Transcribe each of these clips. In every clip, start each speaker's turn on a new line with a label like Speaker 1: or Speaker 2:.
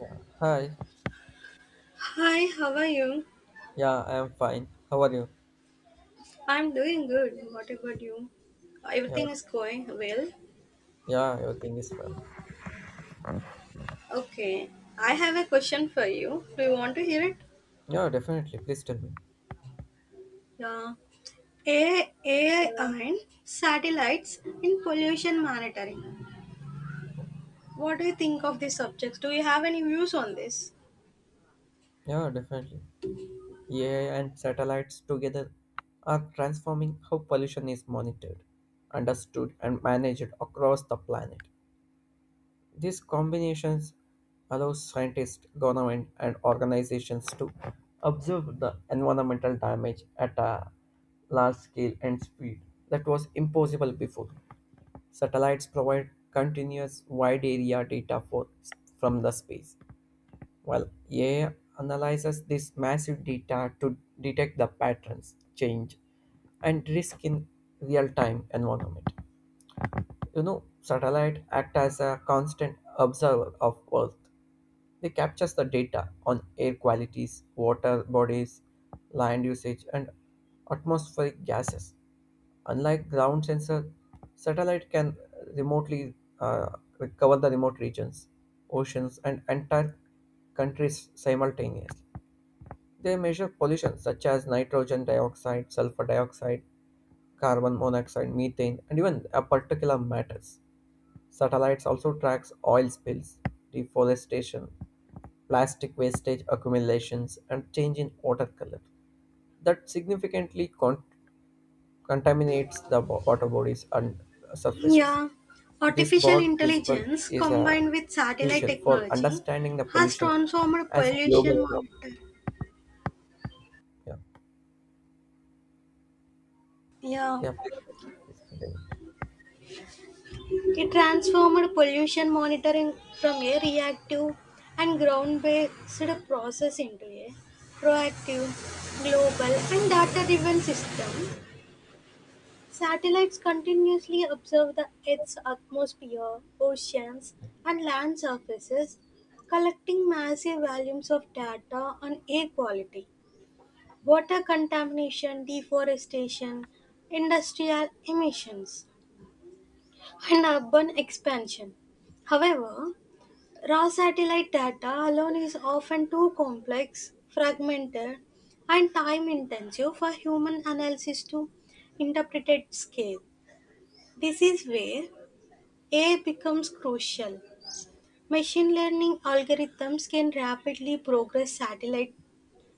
Speaker 1: Yeah. Hi.
Speaker 2: Hi, how are you?
Speaker 1: Yeah, I am fine. How are you?
Speaker 2: I'm doing good. What about you?
Speaker 1: Yeah,
Speaker 2: Everything is going well.
Speaker 1: yeah, everything is fine.
Speaker 2: Okay, I have a question for you. Do you want to hear it?
Speaker 1: Yeah, definitely. Please tell me.
Speaker 2: Yeah. AI and satellites in pollution monitoring. What do you think of these subjects? Do you have any views on this?
Speaker 1: Yeah, definitely. AI and satellites together are transforming how pollution is monitored, understood, and managed across the planet. These combinations allow scientists, government, and organizations to observe the environmental damage at a large scale and speed that was impossible before. Satellites provide continuous wide area data for, from the space, while AI analyzes this massive data to detect the patterns, change, and risk in real time environment. You know, satellite act as a constant observer of Earth, they capture the data on air qualities, water bodies, land usage, and atmospheric gases. Unlike ground sensor, satellite can remotely, uh, cover the remote regions, oceans, and entire countries simultaneously. They measure pollution such as nitrogen dioxide, sulfur dioxide, carbon monoxide, methane, and even a particular matters. Satellites also track oil spills, deforestation, plastic wastage accumulations, and change in water color that significantly contaminates the water bodies and surfaces.
Speaker 2: Yeah,
Speaker 1: This
Speaker 2: artificial
Speaker 1: board visible
Speaker 2: intelligence
Speaker 1: is
Speaker 2: combined with satellite
Speaker 1: crucial for
Speaker 2: technology
Speaker 1: understanding the
Speaker 2: has
Speaker 1: pollution
Speaker 2: transformed
Speaker 1: as
Speaker 2: pollution
Speaker 1: global problem.
Speaker 2: monitoring.
Speaker 1: Yeah,
Speaker 2: Yeah.
Speaker 1: yeah, please continue.
Speaker 2: It transformed pollution monitoring from a reactive and ground-based process into a proactive, global, and data-driven system. Satellites continuously observe the Earth's atmosphere, oceans, and land surfaces, collecting massive volumes of data on air quality, water contamination, deforestation, industrial emissions, and urban expansion. However, raw satellite data alone is often too complex, fragmented, and time intensive for human analysis to interpret at scale. This is where AI becomes crucial. Machine learning algorithms can rapidly progress satellite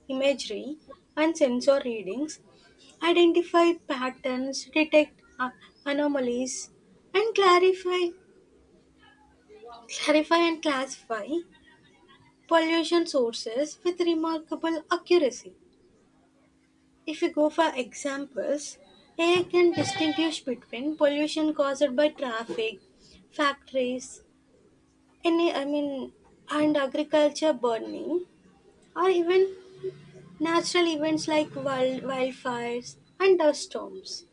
Speaker 2: imagery and sensor readings, identify patterns, detect anomalies, and clarify and classify pollution sources with remarkable accuracy. If we go for examples, AI can distinguish between pollution caused by traffic, factories, any I mean, and agriculture burning, or even natural events like wildfires and dust storms.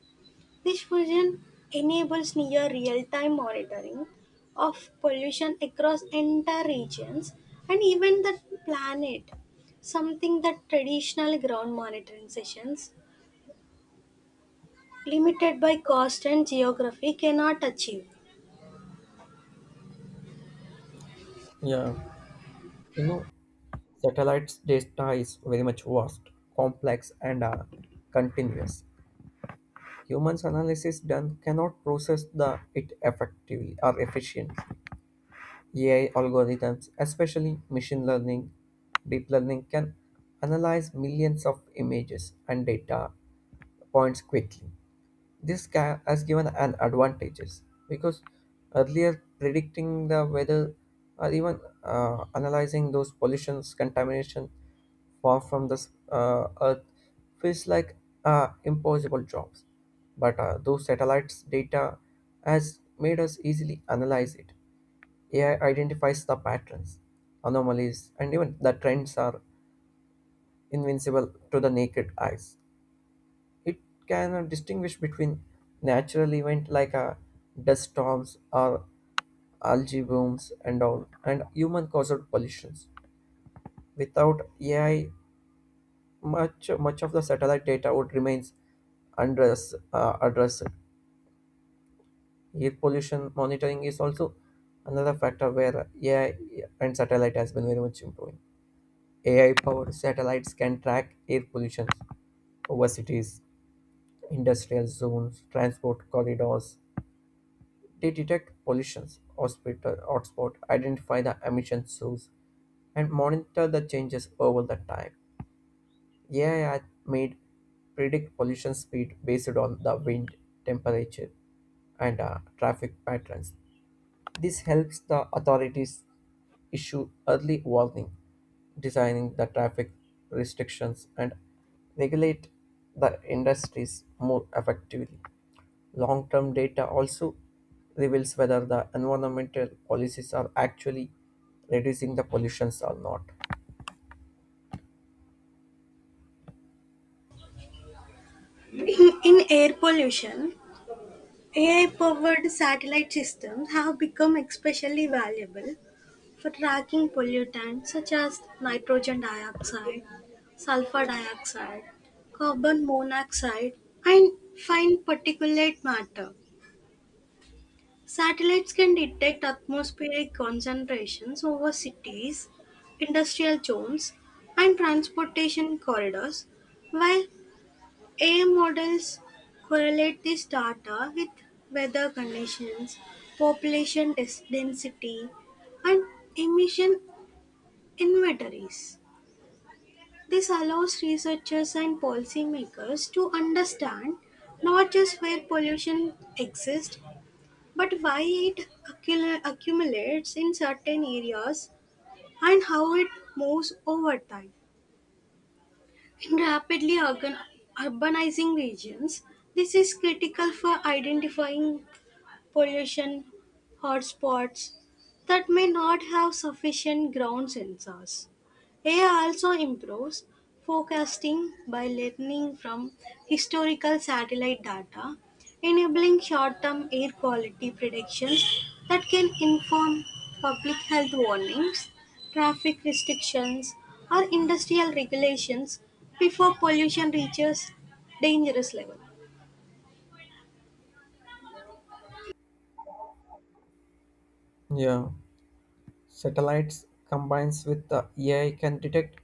Speaker 2: This fusion enables near real-time monitoring of pollution across entire regions and even the planet, something that traditional ground monitoring sessions, limited by cost and geography, cannot achieve.
Speaker 1: Yeah, you know, satellites data is very much vast, complex, and continuous. Humans analysis done cannot process the it effectively or efficiently. AI algorithms, especially machine learning, deep learning can analyze millions of images and data points quickly. This has given an advantages because earlier predicting the weather or even analyzing those pollutions, contamination far from this earth feels like impossible jobs but those satellites data has made us easily analyze it. AI identifies the patterns, anomalies, and even the trends are invincible to the naked eyes. It can, distinguish between natural events like dust storms or algae blooms and all, and human-caused pollutions. Without AI, much of the satellite data would remains undress addressed. Air pollution monitoring is also another factor where AI and satellite has been very much improving. AI powered satellites can track air pollution over cities, industrial zones, transport corridors. They detect pollutions, hospital hotspot, identify the emission source, and monitor the changes over the time. AI made predict pollution speed based on the wind, temperature, and traffic patterns. This helps the authorities issue early warning, designing the traffic restrictions, and regulate the industries more effectively. Long term data also reveals whether the environmental policies are actually reducing the pollutions or not.
Speaker 2: In air pollution, AI-powered satellite systems have become especially valuable for tracking pollutants such as nitrogen dioxide, sulfur dioxide, carbon monoxide, and fine particulate matter. Satellites can detect atmospheric concentrations over cities, industrial zones, and transportation corridors, while air models correlate this data with weather conditions, density, and emission inventories. This allows researchers and policymakers to understand not just where pollution exists, but why it accumulates in certain areas and how it moves over time. In urbanizing regions, this is critical for identifying pollution hotspots that may not have sufficient ground sensors. AI also improves forecasting by learning from historical satellite data, enabling short term air quality predictions that can inform public health warnings, traffic restrictions, or industrial regulations before pollution reaches dangerous levels.
Speaker 1: Yeah, satellites combines with the AI can detect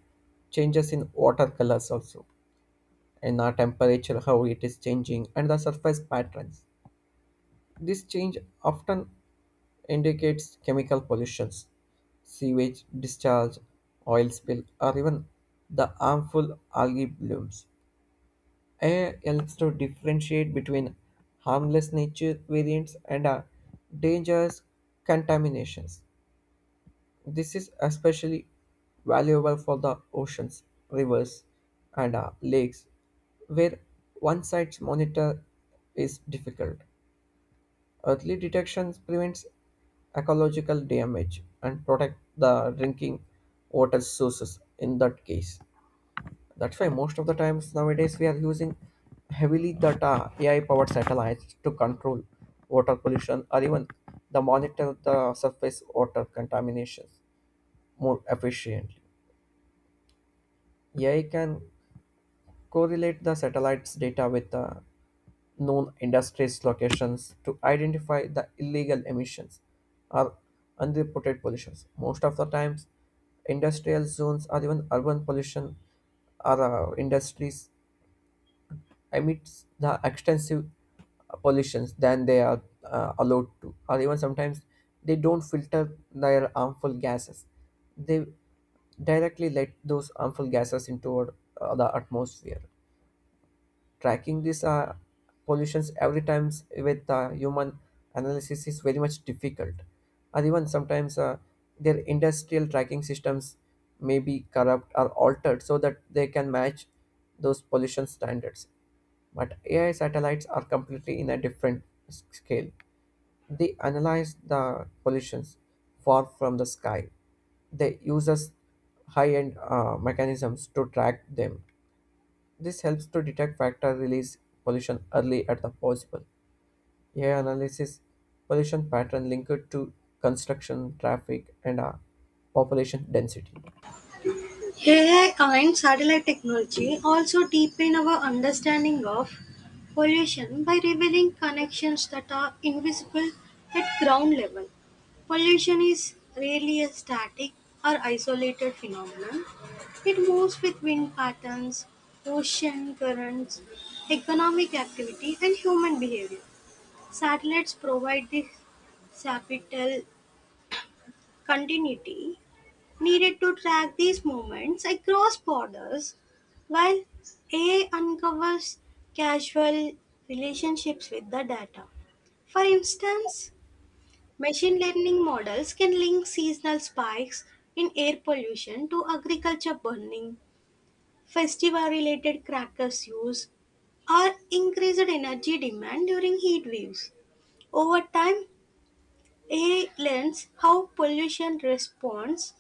Speaker 1: changes in water colors also, and the temperature, how it is changing, and the surface patterns. This change often indicates chemical pollutions, sewage discharge, oil spill, or even the harmful algae blooms. AI helps to differentiate between harmless nature variants and dangerous contaminations. This is especially valuable for the oceans, rivers, and lakes, where one side's monitor is difficult. Early detection prevents ecological damage and protect the drinking water sources in that case. That's why most of the times nowadays we are using heavily data AI powered satellites to control water pollution or even the monitor the surface water contaminations more efficiently. AI can correlate the satellites data with the known industries locations to identify the illegal emissions or unreported pollutions. Most of the times, industrial zones or even urban pollution or industries emits the extensive pollutions than they are allowed to or even sometimes they don't filter their harmful gases. They directly let those harmful gases into our, the atmosphere. Tracking these pollutions every time with human analysis is very much difficult. Or even sometimes, their industrial tracking systems may be corrupt or altered so that they can match those pollution standards. But AI satellites are completely in a different scale. They analyze the pollutions far from the sky. They uses high-end mechanisms to track them. This helps to detect factor release pollution early at the possible. AI analysis pollution pattern linked to construction, traffic, and population density.
Speaker 2: AI and satellite technology also deepen our understanding of pollution by revealing connections that are invisible at ground level. Pollution is rarely a static or isolated phenomenon. It moves with wind patterns, ocean currents, economic activity, and human behavior. Satellites provide this sapital continuity needed to track these movements across borders, while AI uncovers causal relationships with the data. For instance, machine learning models can link seasonal spikes in air pollution to agriculture burning, festival related crackers use, or increased energy demand during heat waves. Over time, it learns how pollution responds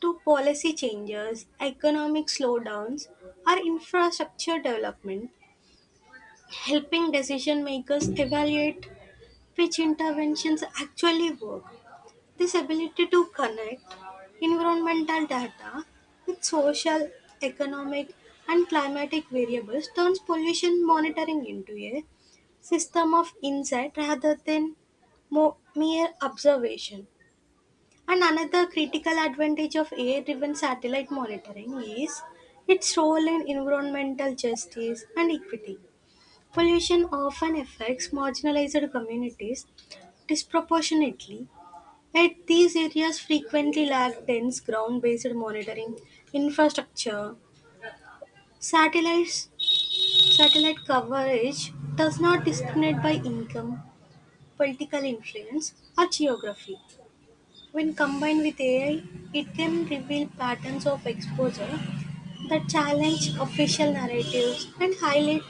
Speaker 2: to policy changes, economic slowdowns, or infrastructure development, helping decision makers evaluate which interventions actually work. This ability to connect environmental data with social, economic, and climatic variables turns pollution monitoring into a system of insight rather than mere observation. And another critical advantage of AI driven satellite monitoring is its role in environmental justice and equity. Pollution often affects marginalized communities disproportionately, yet these areas frequently lack dense ground based monitoring infrastructure. Satellites, satellite coverage does not discriminate by income, political influence, or geography. When combined with AI, it can reveal patterns of exposure that challenge official narratives and highlight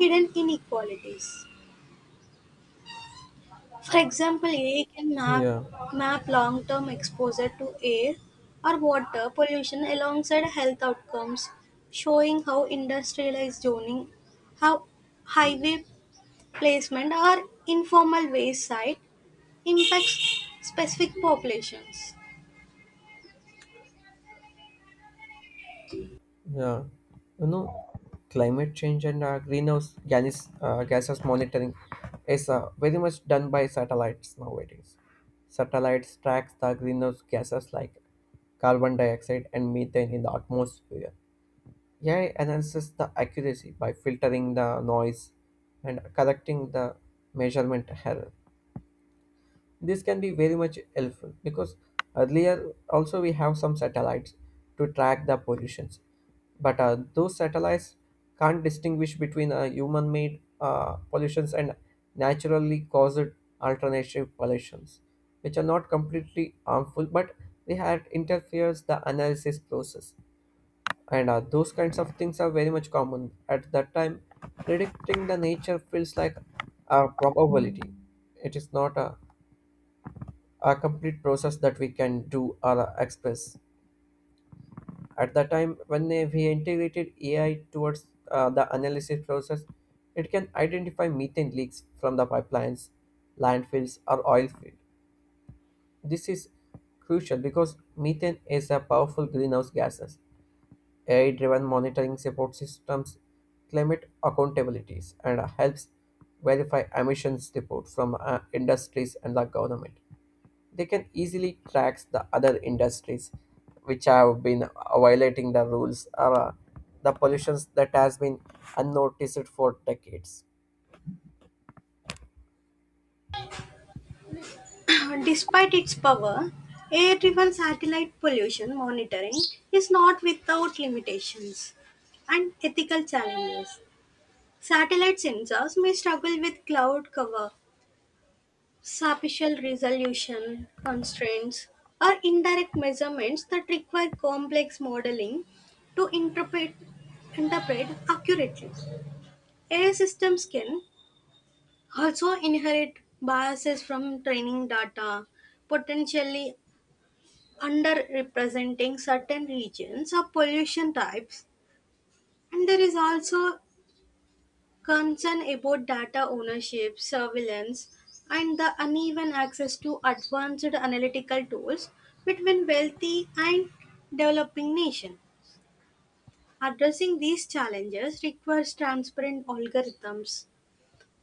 Speaker 2: hidden inequalities. For example,
Speaker 1: Yeah,
Speaker 2: map long term exposure to air or water pollution alongside health outcomes, showing how industrialized zoning, how highway placement, or informal waste site impacts specific populations.
Speaker 1: yeah. You know, climate change and greenhouse gases monitoring is very much done by satellites nowadays. Satellites tracks the greenhouse gases like carbon dioxide and methane in the atmosphere. AI enhances the accuracy by filtering the noise and correcting the measurement error. This can be very much helpful because earlier also we have some satellites to track the pollutions, but those satellites can't distinguish between human-made pollutions and naturally caused alternative pollutions, which are not completely harmful, but they had interferes the analysis process and those kinds of things are very much common at that time. Predicting the nature feels like a probability. It is not a complete process that we can do or express at that time. When we integrated AI towards the analysis process, it can identify methane leaks from the pipelines, landfills, or oil field. This is crucial because methane is a powerful greenhouse gases. AI-driven monitoring support systems, climate accountabilities, and helps verify emissions reports from industries and the government. They can easily track the other industries which have been violating the rules or the pollutions that has been unnoticed for decades.
Speaker 2: Despite its power, air-driven satellite pollution monitoring is not without limitations and ethical challenges. Satellite sensors may struggle with cloud cover, spatial resolution constraints, or indirect measurements that require complex modeling to interpret accurately. AI systems can also inherit biases from training data, potentially underrepresenting certain regions or pollution types. And there is also concern about data ownership, surveillance, and the uneven access to advanced analytical tools between wealthy and developing nations. Addressing these challenges requires transparent algorithms,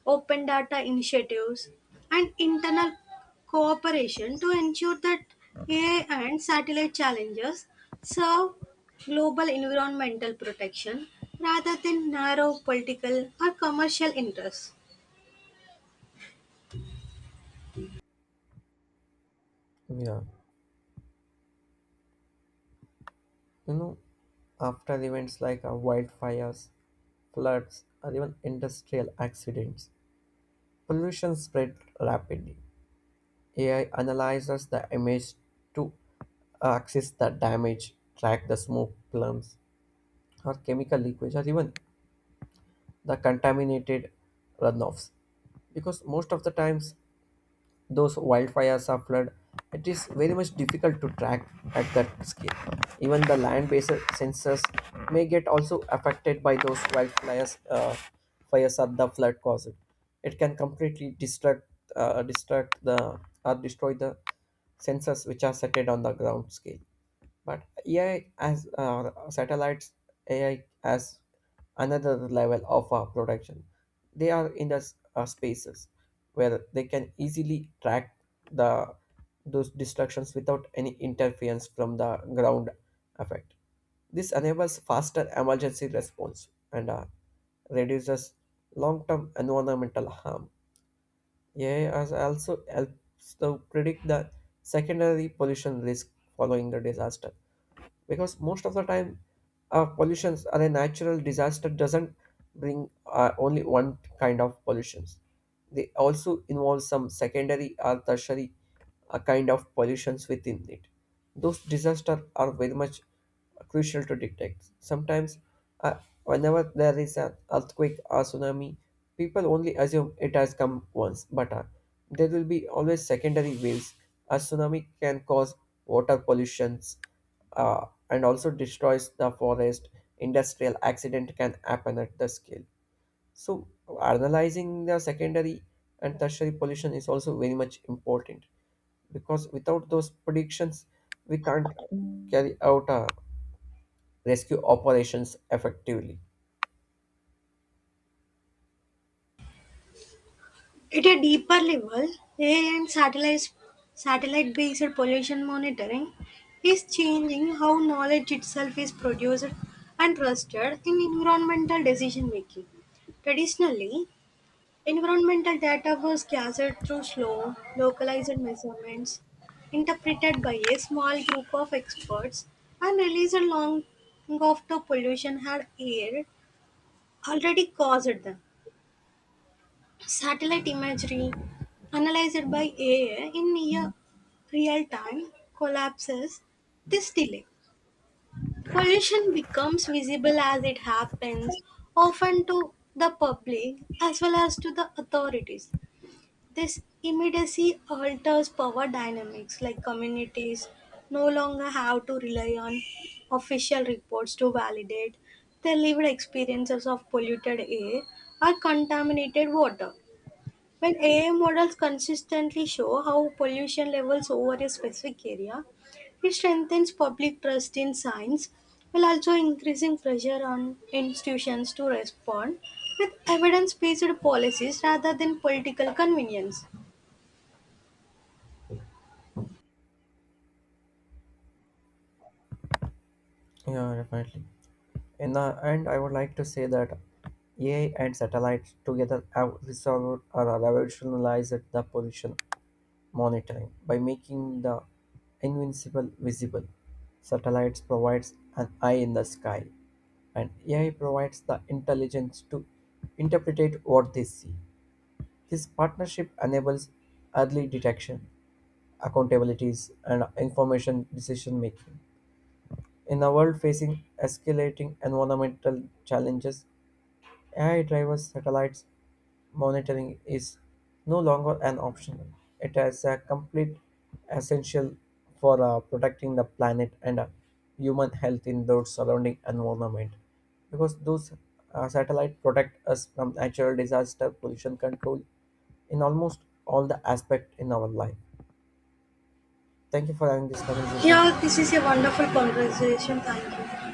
Speaker 2: open data initiatives, and internal cooperation to ensure that AI and satellite challenges serve global environmental protection rather than narrow political or commercial interests.
Speaker 1: Yeah, you know, after events like wildfires, floods, or even industrial accidents, pollution spread rapidly. AI analyzes the image to access the damage, track the smoke plumes or chemical leakage or even the contaminated runoffs. Because most of the times those wildfires are flood, it is very much difficult to track at that scale. Even the land-based sensors may get also affected by those wildfires, fires at the flood caused. It can completely distract the or destroy the sensors which are set on the ground scale. But AI as another level of production. They are in the spaces where they can easily track the those destructions without any interference from the ground effect. This enables faster emergency response and reduces long-term environmental harm. AI has also helps to predict the secondary pollution risk following the disaster, because most of the time pollutions or a natural disaster doesn't bring only one kind of pollutions. They also involve some secondary or tertiary kind of pollutions within it. Those disasters are very much crucial to detect. Sometimes, uh, whenever there is an earthquake or tsunami, people only assume it has come once, but there will be always secondary waves. A tsunami can cause water pollutions, and also destroys the forest. Industrial accident can happen at the scale. So, analyzing the secondary and tertiary pollution is also very much important, because without those predictions, we can't carry out a rescue operations effectively.
Speaker 2: At a deeper level, AI and satellite based pollution monitoring is changing how knowledge itself is produced and trusted in environmental decision making. Traditionally, environmental data was gathered through slow, localized measurements, interpreted by a small group of experts, and released long after pollution had air already caused them. Satellite imagery analyzed by AI in near real time collapses this delay. Pollution becomes visible as it happens, often to the public as well as to the authorities. This immediacy alters power dynamics, like communities no longer have to rely on official reports to validate their lived experiences of polluted air or contaminated water. When AI models consistently show how pollution levels over a specific area, it strengthens public trust in science while also increasing pressure on institutions to respond with evidence based policies rather than political convenience.
Speaker 1: Yeah, definitely. In the end, I would like to say that AI and satellites together have resolved or revolutionized the position monitoring by making the invincible visible. Satellites provides an eye in the sky, and AI provides the intelligence to interpret what they see. This partnership enables early detection, accountabilities, and information decision making. In a world facing escalating environmental challenges, AI driven satellites monitoring is no longer an option. It is a complete essential for protecting the planet and human health in the surrounding environment. Because those satellites protect us from natural disaster, pollution control in almost all the aspect in our life. Thank you for having this conversation.
Speaker 2: Yeah, this is a wonderful conversation. Thank you.